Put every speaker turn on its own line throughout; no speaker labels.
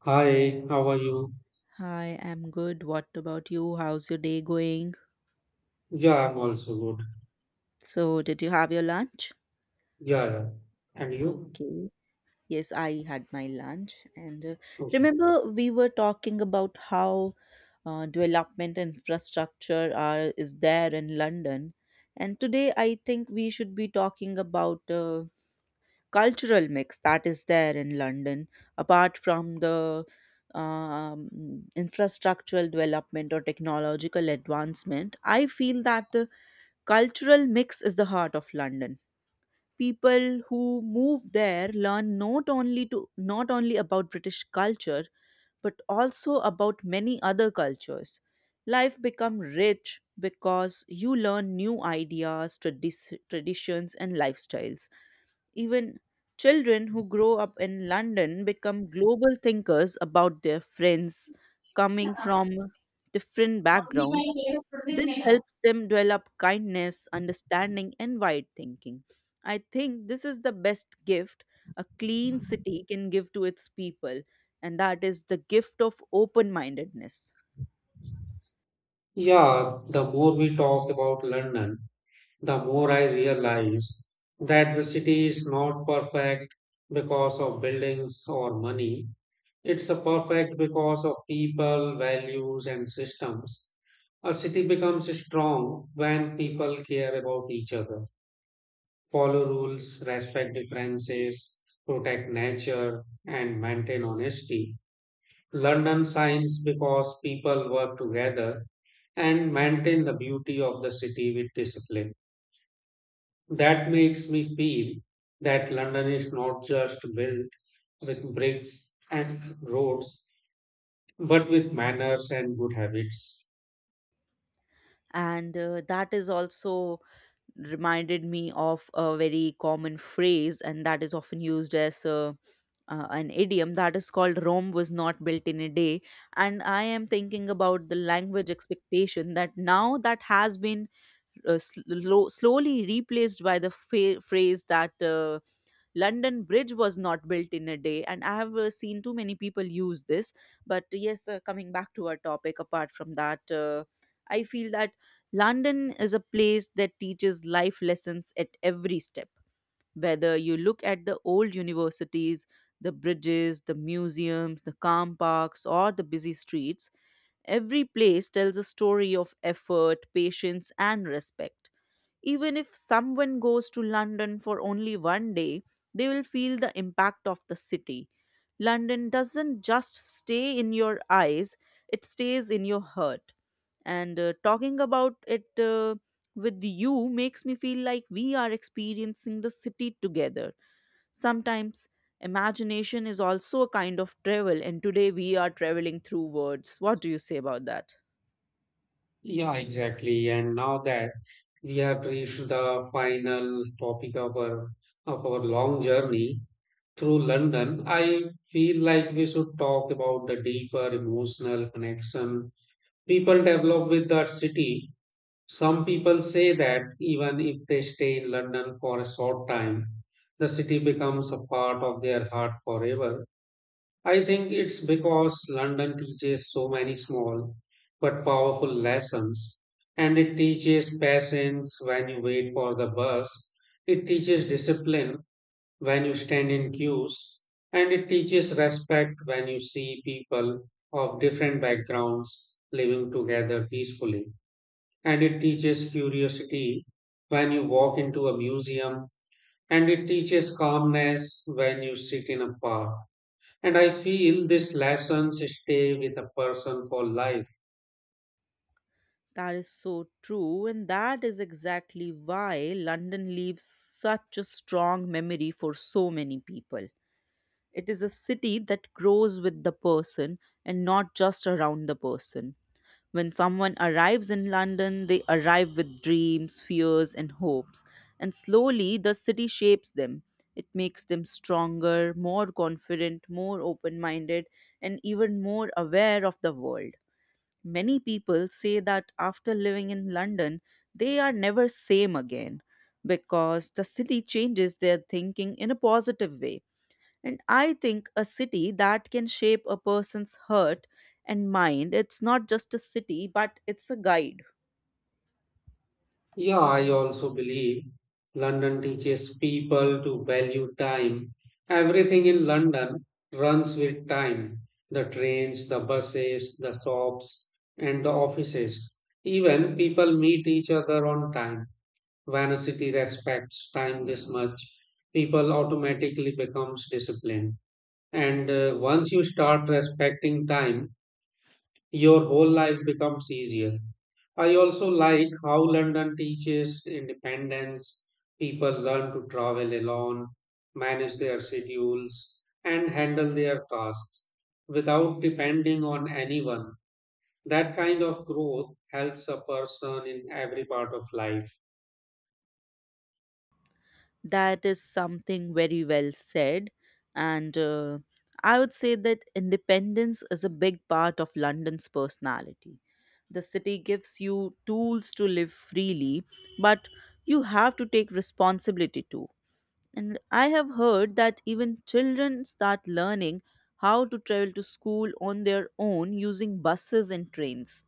Hi, how are you?
Hi, I'm good. What about you? How's your day going?
Yeah, I'm also good.
So, did you have your lunch?
Yeah, yeah. And you?
Okay. Yes, I had my lunch. And
Okay.
Remember, we were talking about how development infrastructure are is there in London. And today, I think we should be talking about cultural mix that is there in London, apart from the um, infrastructural development or technological advancement. I feel that the cultural mix is the heart of London. People who move there learn not only about British culture but also about many other cultures. Life become rich because you learn new ideas, traditions and lifestyles. Even children who grow up in London become global thinkers about their friends coming from different backgrounds. This helps them develop kindness, understanding, and wide thinking. I think this is the best gift a clean city can give to its people, and that is the gift of open mindedness.
Yeah, the more we talk about London, the more I realize that the city is not perfect because of buildings or money. It's a perfect because of people, values, and systems. A city becomes strong when people care about each other, follow rules, respect differences, protect nature, and maintain honesty. London shines because people work together and maintain the beauty of the city with discipline. That makes me feel that London is not just built with bricks and roads, but with manners and good habits.
And that is also reminded me of a very common phrase, and that is often used as a an idiom that is called Rome was not built in a day. And I am thinking about the language expectation that now that has been slowly replaced by the phrase that London Bridge was not built in a day. And I have seen too many people use this. But yes, coming back to our topic, apart from that, I feel that London is a place that teaches life lessons at every step. Whether you look at the old universities, the bridges, the museums, the calm parks, or the busy streets, every place tells a story of effort, patience, and respect. Even if someone goes to London for only one day, they will feel the impact of the city. London doesn't just stay in your eyes, it stays in your heart. And Talking about it with you makes me feel like we are experiencing the city together. Sometimes imagination is also a kind of travel, and today we are traveling through words. What do you say about that?
Yeah, exactly. And now that we have reached the final topic of our long journey through London, I feel like we should talk about the deeper emotional connection people develop with that city. Some people say that even if they stay in London for a short time, the city becomes a part of their heart forever. I think it's because London teaches so many small but powerful lessons, and it teaches patience when you wait for the bus. It teaches discipline when you stand in queues, and it teaches respect when you see people of different backgrounds living together peacefully. And it teaches curiosity when you walk into a museum, and it teaches calmness when you sit in a park. And I feel these lessons stay with a person for life.
That is so true, and that is exactly why London leaves such a strong memory for so many people. It is a city that grows with the person and not just around the person. When someone arrives in London, they arrive with dreams, fears, and hopes, and slowly the city shapes them. It makes them stronger, more confident, more open minded, and even more aware of the world. Many people say that after living in London, they are never same again because the city changes their thinking in a positive way, and I think a city that can shape a person's heart and mind, it's not just a city, but it's a guide.
Yeah, I also believe London teaches people to value time. Everything in London runs with time. The trains, the buses, the shops, and the offices. Even people meet each other on time. When a city respects time this much, people automatically becomes disciplined. And once you start respecting time, your whole life becomes easier. I also like how London teaches independence. People learn to travel alone, manage their schedules, and handle their tasks without depending on anyone. That kind of growth helps a person in every part of life.
That is something very well said. And I would say that independence is a big part of London's personality. The city gives you tools to live freely, but you have to take responsibility too. And I have heard that even children start learning how to travel to school on their own using buses and trains.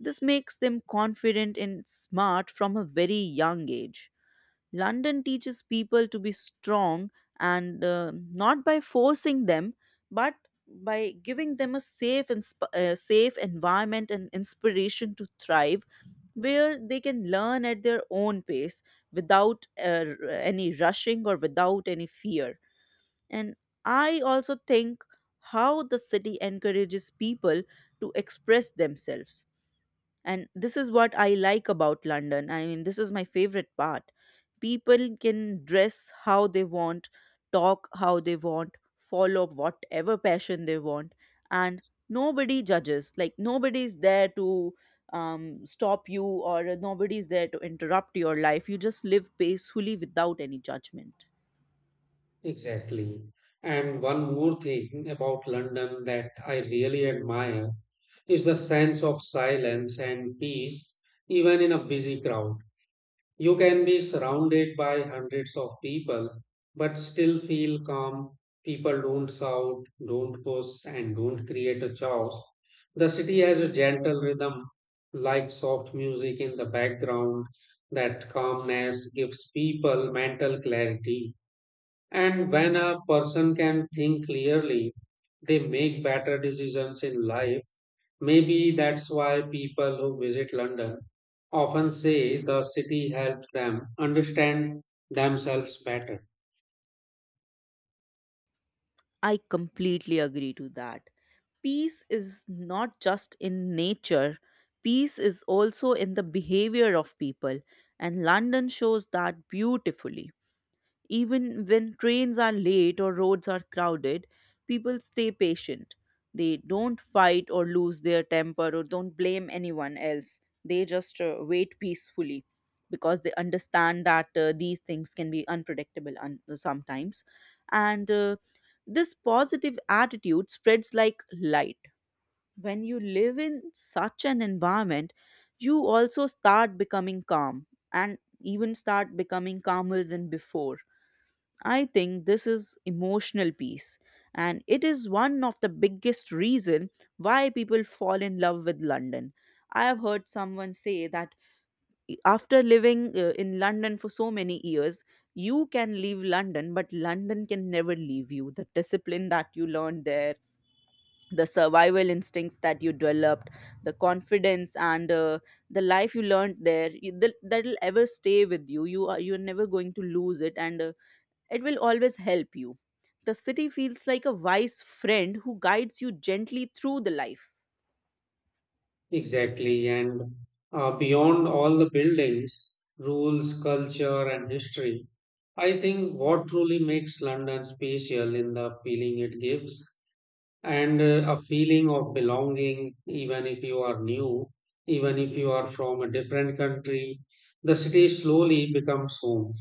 This makes them confident and smart from a very young age. London teaches people to be strong, and not by forcing them, but by giving them a safe environment and inspiration to thrive where they can learn at their own pace without any rushing or without any fear. And I also think how the city encourages people to express themselves. And this is what I like about London. I mean, this is my favorite part. People can dress how they want, talk how they want, follow whatever passion they want, and nobody judges. Like, nobody's there to stop you, or nobody's there to interrupt your life. You just live peacefully without any judgment.
Exactly. And one more thing about London that I really admire is the sense of silence and peace, even in a busy crowd. You can be surrounded by hundreds of people, but still feel calm. People don't shout, don't push, and don't create a chaos. The city has a gentle rhythm, like soft music in the background. That calmness gives people mental clarity. And when a person can think clearly, they make better decisions in life. Maybe that's why people who visit London often say the city helped them understand themselves better.
I completely agree to that. Peace is not just in nature, peace is also in the behavior of people, and London shows that beautifully. Even when trains are late or roads are crowded, people stay patient. They don't fight or lose their temper or don't blame anyone else. They just wait peacefully because they understand that these things can be unpredictable sometimes. And This positive attitude spreads like light. When you live in such an environment, you also start becoming calm and even start becoming calmer than before. I think this is emotional peace, and it is one of the biggest reason why people fall in love with London. I have heard someone say that after living in London for so many years, you can leave London but London can never leave you. The discipline that you learned there, the survival instincts that you developed, the confidence, and the life you learned there, that'll ever stay with you. You are You're never going to lose it, and it will always help you. The city feels like a wise friend who guides you gently through the life.
Exactly, and beyond all the buildings, rules, culture, and history, I think what truly makes London special in the feeling it gives and a feeling of belonging, even if you are new, even if you are from a different country, the city slowly becomes home.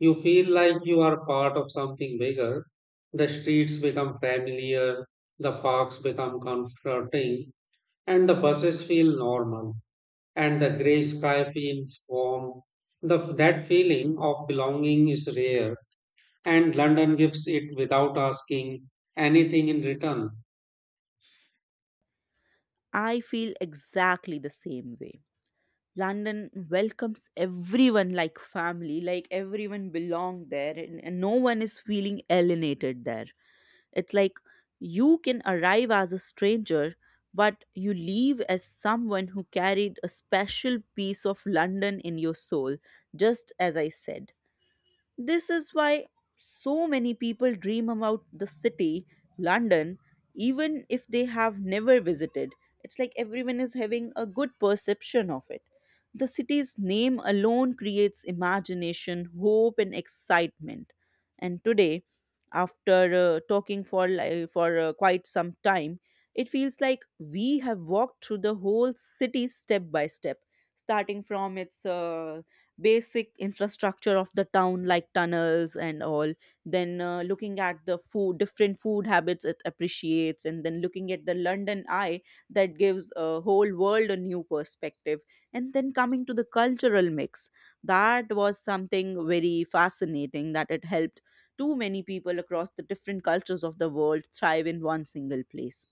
You feel like you are part of something bigger. The streets become familiar, the parks become comforting, and the buses feel normal, and the gray sky feels warm. That feeling of belonging is rare, and London gives it without asking anything in return.
I feel exactly the same way. London welcomes everyone like family, like everyone belong there, and no one is feeling alienated there. It's like you can arrive as a stranger but you leave as someone who carried a special piece of London in your soul, just as I said. This is why so many people dream about the city, London, even if they have never visited. It's like everyone is having a good perception of it. The city's name alone creates imagination, hope, and excitement. And today, after talking for quite some time, it feels like we have walked through the whole city step by step, starting from its basic infrastructure of the town like tunnels and all, then looking at the food different food habits it appreciates, and then looking at the London Eye that gives a whole world a new perspective, and then coming to the cultural mix that was something very fascinating, that it helped too many people across the different cultures of the world thrive in one single place.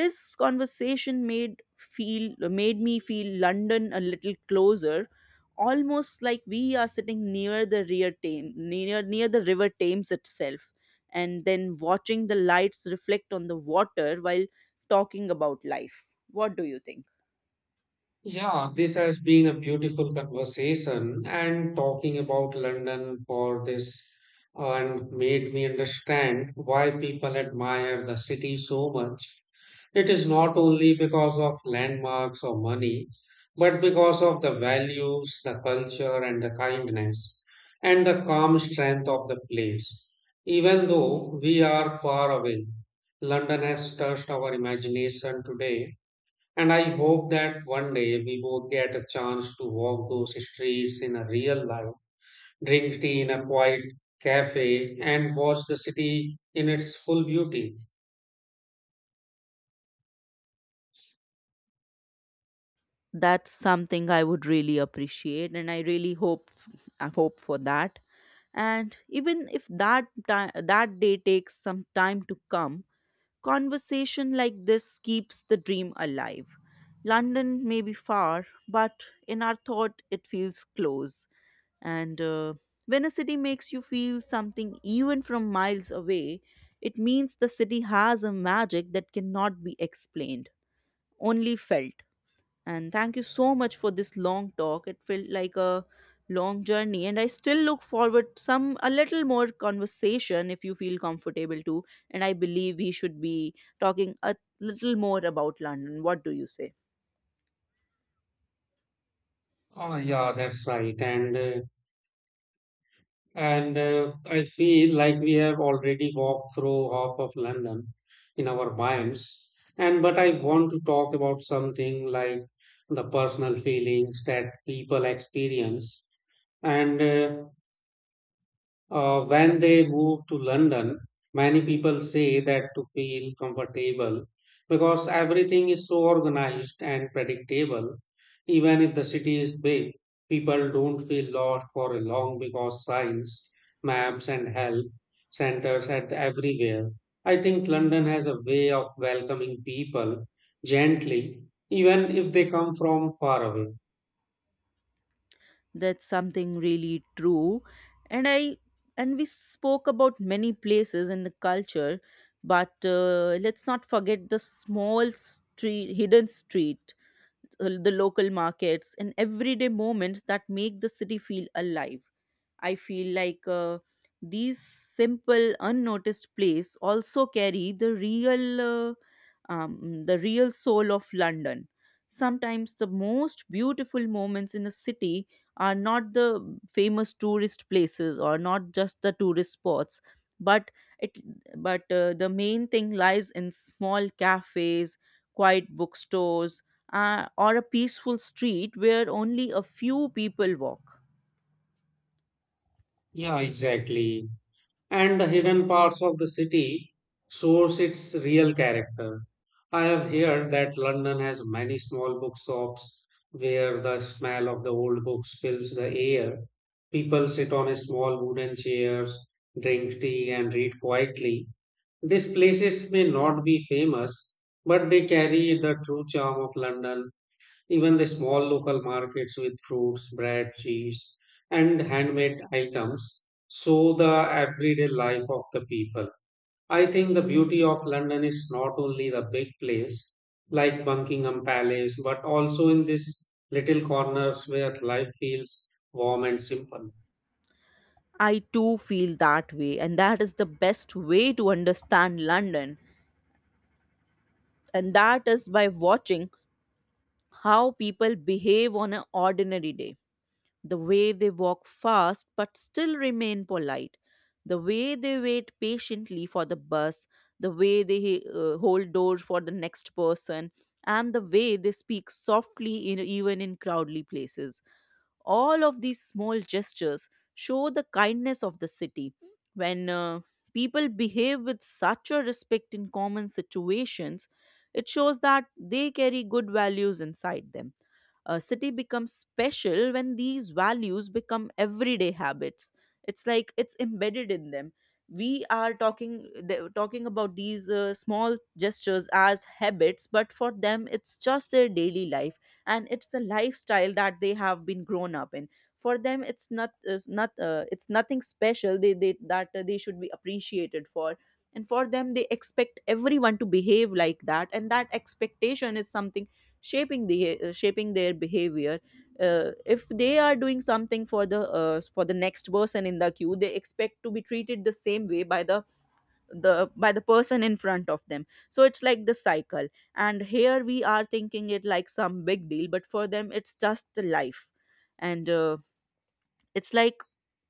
This conversation made me feel London a little closer, almost like we are sitting near the rear Thames, near near the River Thames itself, and then watching the lights reflect on the water while talking about life. What do you think?
Yeah, this has been a beautiful conversation and talking about London for this and made me understand why people admire the city so much. It is not only because of landmarks or money, but because of the values, the culture, and the kindness, and the calm strength of the place. Even though we are far away, London has touched our imagination today and I hope that one day we both get a chance to walk those streets in a real life, drink tea in a quiet cafe, and watch the city in its full beauty.
That's something I would really appreciate, and I hope for that. And even if that that day takes some time to come, conversation like this keeps the dream alive. London may be far, but in our thought it feels close. And when a city makes you feel something even from miles away, it means the city has a magic that cannot be explained, only felt. And thank you so much for this long talk. It felt like a long journey, and I still look forward some a little more conversation if you feel comfortable to, and I believe we should be talking a little more about London. What do you say?
Oh, yeah, that's right. And I feel like we have already walked through half of London in our minds. And but I want to talk about something like the personal feelings that people experience and when they move to London, many people say that to feel comfortable because everything is so organized and predictable. Even if the city is big, people don't feel lost for a long because signs, maps, and help centers at everywhere. I think London has a way of welcoming people gently, even if they come from far away.
That's something really true. And I and we spoke about many places and the culture, but let's not forget the small street hidden street, the local markets and everyday moments that make the city feel alive. I feel like these simple, unnoticed plays also carry the uh, the real soul of London. Sometimes the most beautiful moments in a city are not the famous tourist places or not just the tourist spots, but it, the main thing lies in small cafes, quiet bookstores, or a peaceful street where only a few people walk.
Yeah, exactly, and the hidden parts of the city shows its real character. I have heard that London has many small bookshops where the smell of the old books fills the air. People sit on small wooden chairs, drink tea, and read quietly. These places may not be famous, but they carry the true charm of London, even the small local markets with fruits, bread, cheese, and handmade items show the everyday life of the people. I think the beauty of London is not only the big place like Buckingham Palace, but also in these little corners where life feels warm and simple.
I too feel that way, and that is the best way to understand London, and that is by watching how people behave on an ordinary day. The way they walk fast but still remain polite, the way they wait patiently for the bus, the way they hold doors for the next person, and the way they speak softly even in crowded places. All of these small gestures show the kindness of the city. When people behave with such a respect in common situations, it shows that they carry good values inside them. A city becomes special when these values become everyday habits. It's like it's embedded in them. We are talking about these small gestures as habits, but for them, it's just their daily life, and it's the lifestyle that they have been grown up in. For them it's not it's nothing special they that they should be appreciated for. And for them, they expect everyone to behave like that, and that expectation is something shaping their behavior. If they are doing something for the next person in the queue, they expect to be treated the same way by the person in front of them. So it's like the cycle, and here we are thinking it like some big deal, but for them it's just life. And it's like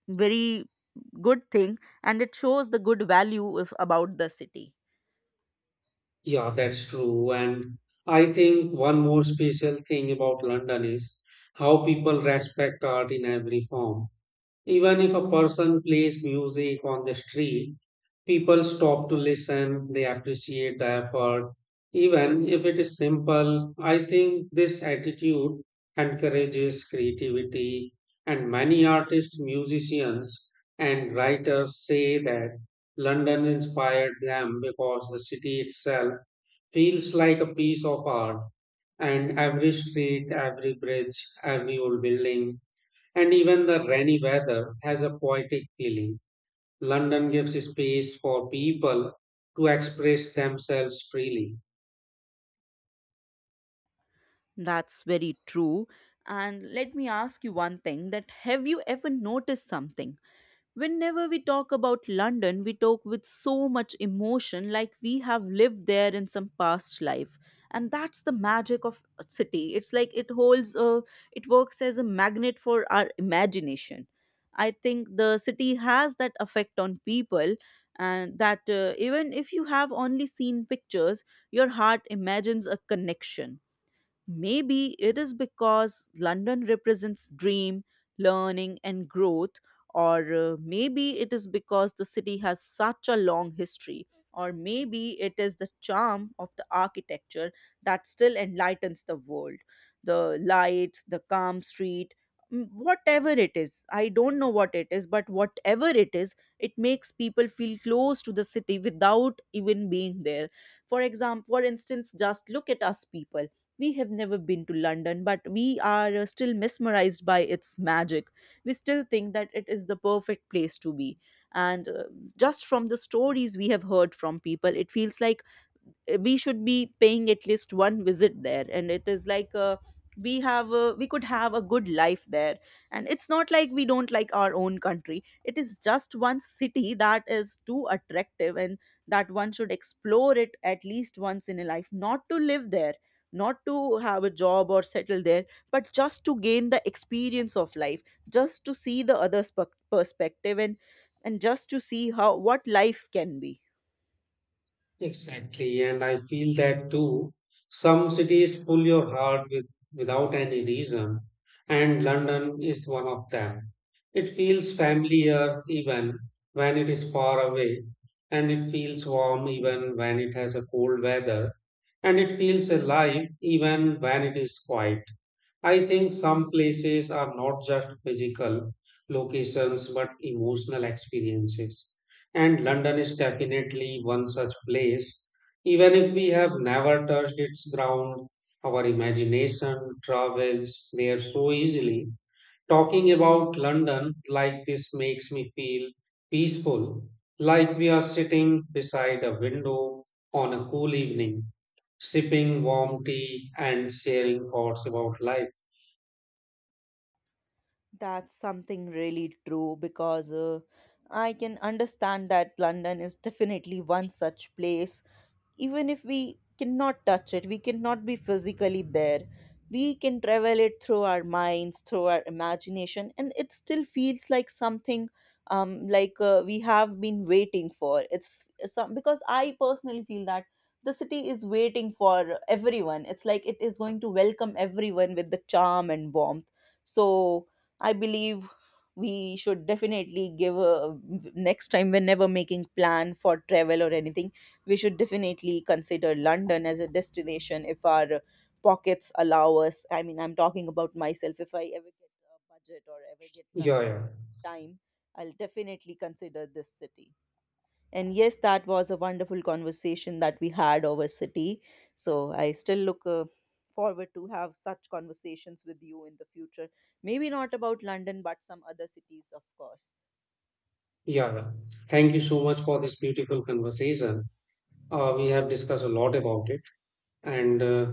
very good thing, and it shows the good value if about the city.
Yeah, that's true. And I think one more special thing about London is how people respect art in every form. Even if a person plays music on the street, people stop to listen, they appreciate the effort. Even if it is simple, I think this attitude encourages creativity, and many artists, musicians, and writers say that London inspired them because the city itself feels like a piece of art, and every street, every bridge, every old building and even the rainy weather has a poetic feeling. London gives space for people to express themselves freely.
That's very true. And let me ask you one thing, that have you ever noticed something? Whenever we talk about London, we talk with so much emotion, like we have lived there in some past life, and that's the magic of a city. It's like it works as a magnet for our imagination. I think the city has that effect on people, and that even if you have only seen pictures, your heart imagines a connection. Maybe it is because London represents dream, learning, and growth, or maybe it is because the city has such a long history, or maybe it is the charm of the architecture that still enlightens the world. The lights, the calm street, whatever it is, I don't know what it is, but whatever it is, it makes people feel close to the city without even being there. For example, for instance, just look at us people, we have never been to London, but we are still mesmerized by its magic. We still think that it is the perfect place to be. And just from the stories we have heard from people, it feels like we should be paying at least one visit there, and it is like we could have a good life there. And it's not like we don't like our own country, it is just one city that is too attractive, and that one should explore it at least once in a life, not to live there, not to have a job or settle there, but just to gain the experience of life, just to see the other perspective, and just to see how what life can be.
Exactly, and I feel that too. Some cities pull your heart with, without any reason, and London is one of them. It feels familiar even when it is far away, and it feels warm even when it has a cold weather, and it feels alive even when it is quiet. I think some places are not just physical locations but emotional experiences. And London is definitely one such place. Even if we have never touched its ground, our imagination travels there so easily. Talking about London like this makes me feel peaceful, like we are sitting beside a window on a cool evening, sipping warm tea and sharing thoughts about life.
That's something really true, because I can understand that London is definitely one such place. Even if we cannot touch it, we cannot be physically there, we can travel it through our minds, through our imagination, and it still feels like something, we have been waiting for it's some, because I personally feel that the city is waiting for everyone. It's like it is going to welcome everyone with the charm and warmth. So I believe we should definitely give a next time whenever making plan for travel or anything, we should definitely consider London as a destination if our pockets allow us. I mean, I'm talking about myself. If I ever get a budget or ever get time,
Yeah, yeah,
time I'll definitely consider this city. And yes, that was a wonderful conversation that we had over city. So I still look forward to have such conversations with you in the future. Maybe not about London, but some other cities, of course.
yeah. Thank you so much for this beautiful conversation.
Yeah,
We have discussed a lot about it. And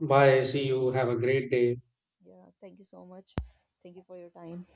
bye. See you. Have a great day.
yeah. Thank you so much. Thank you for your time.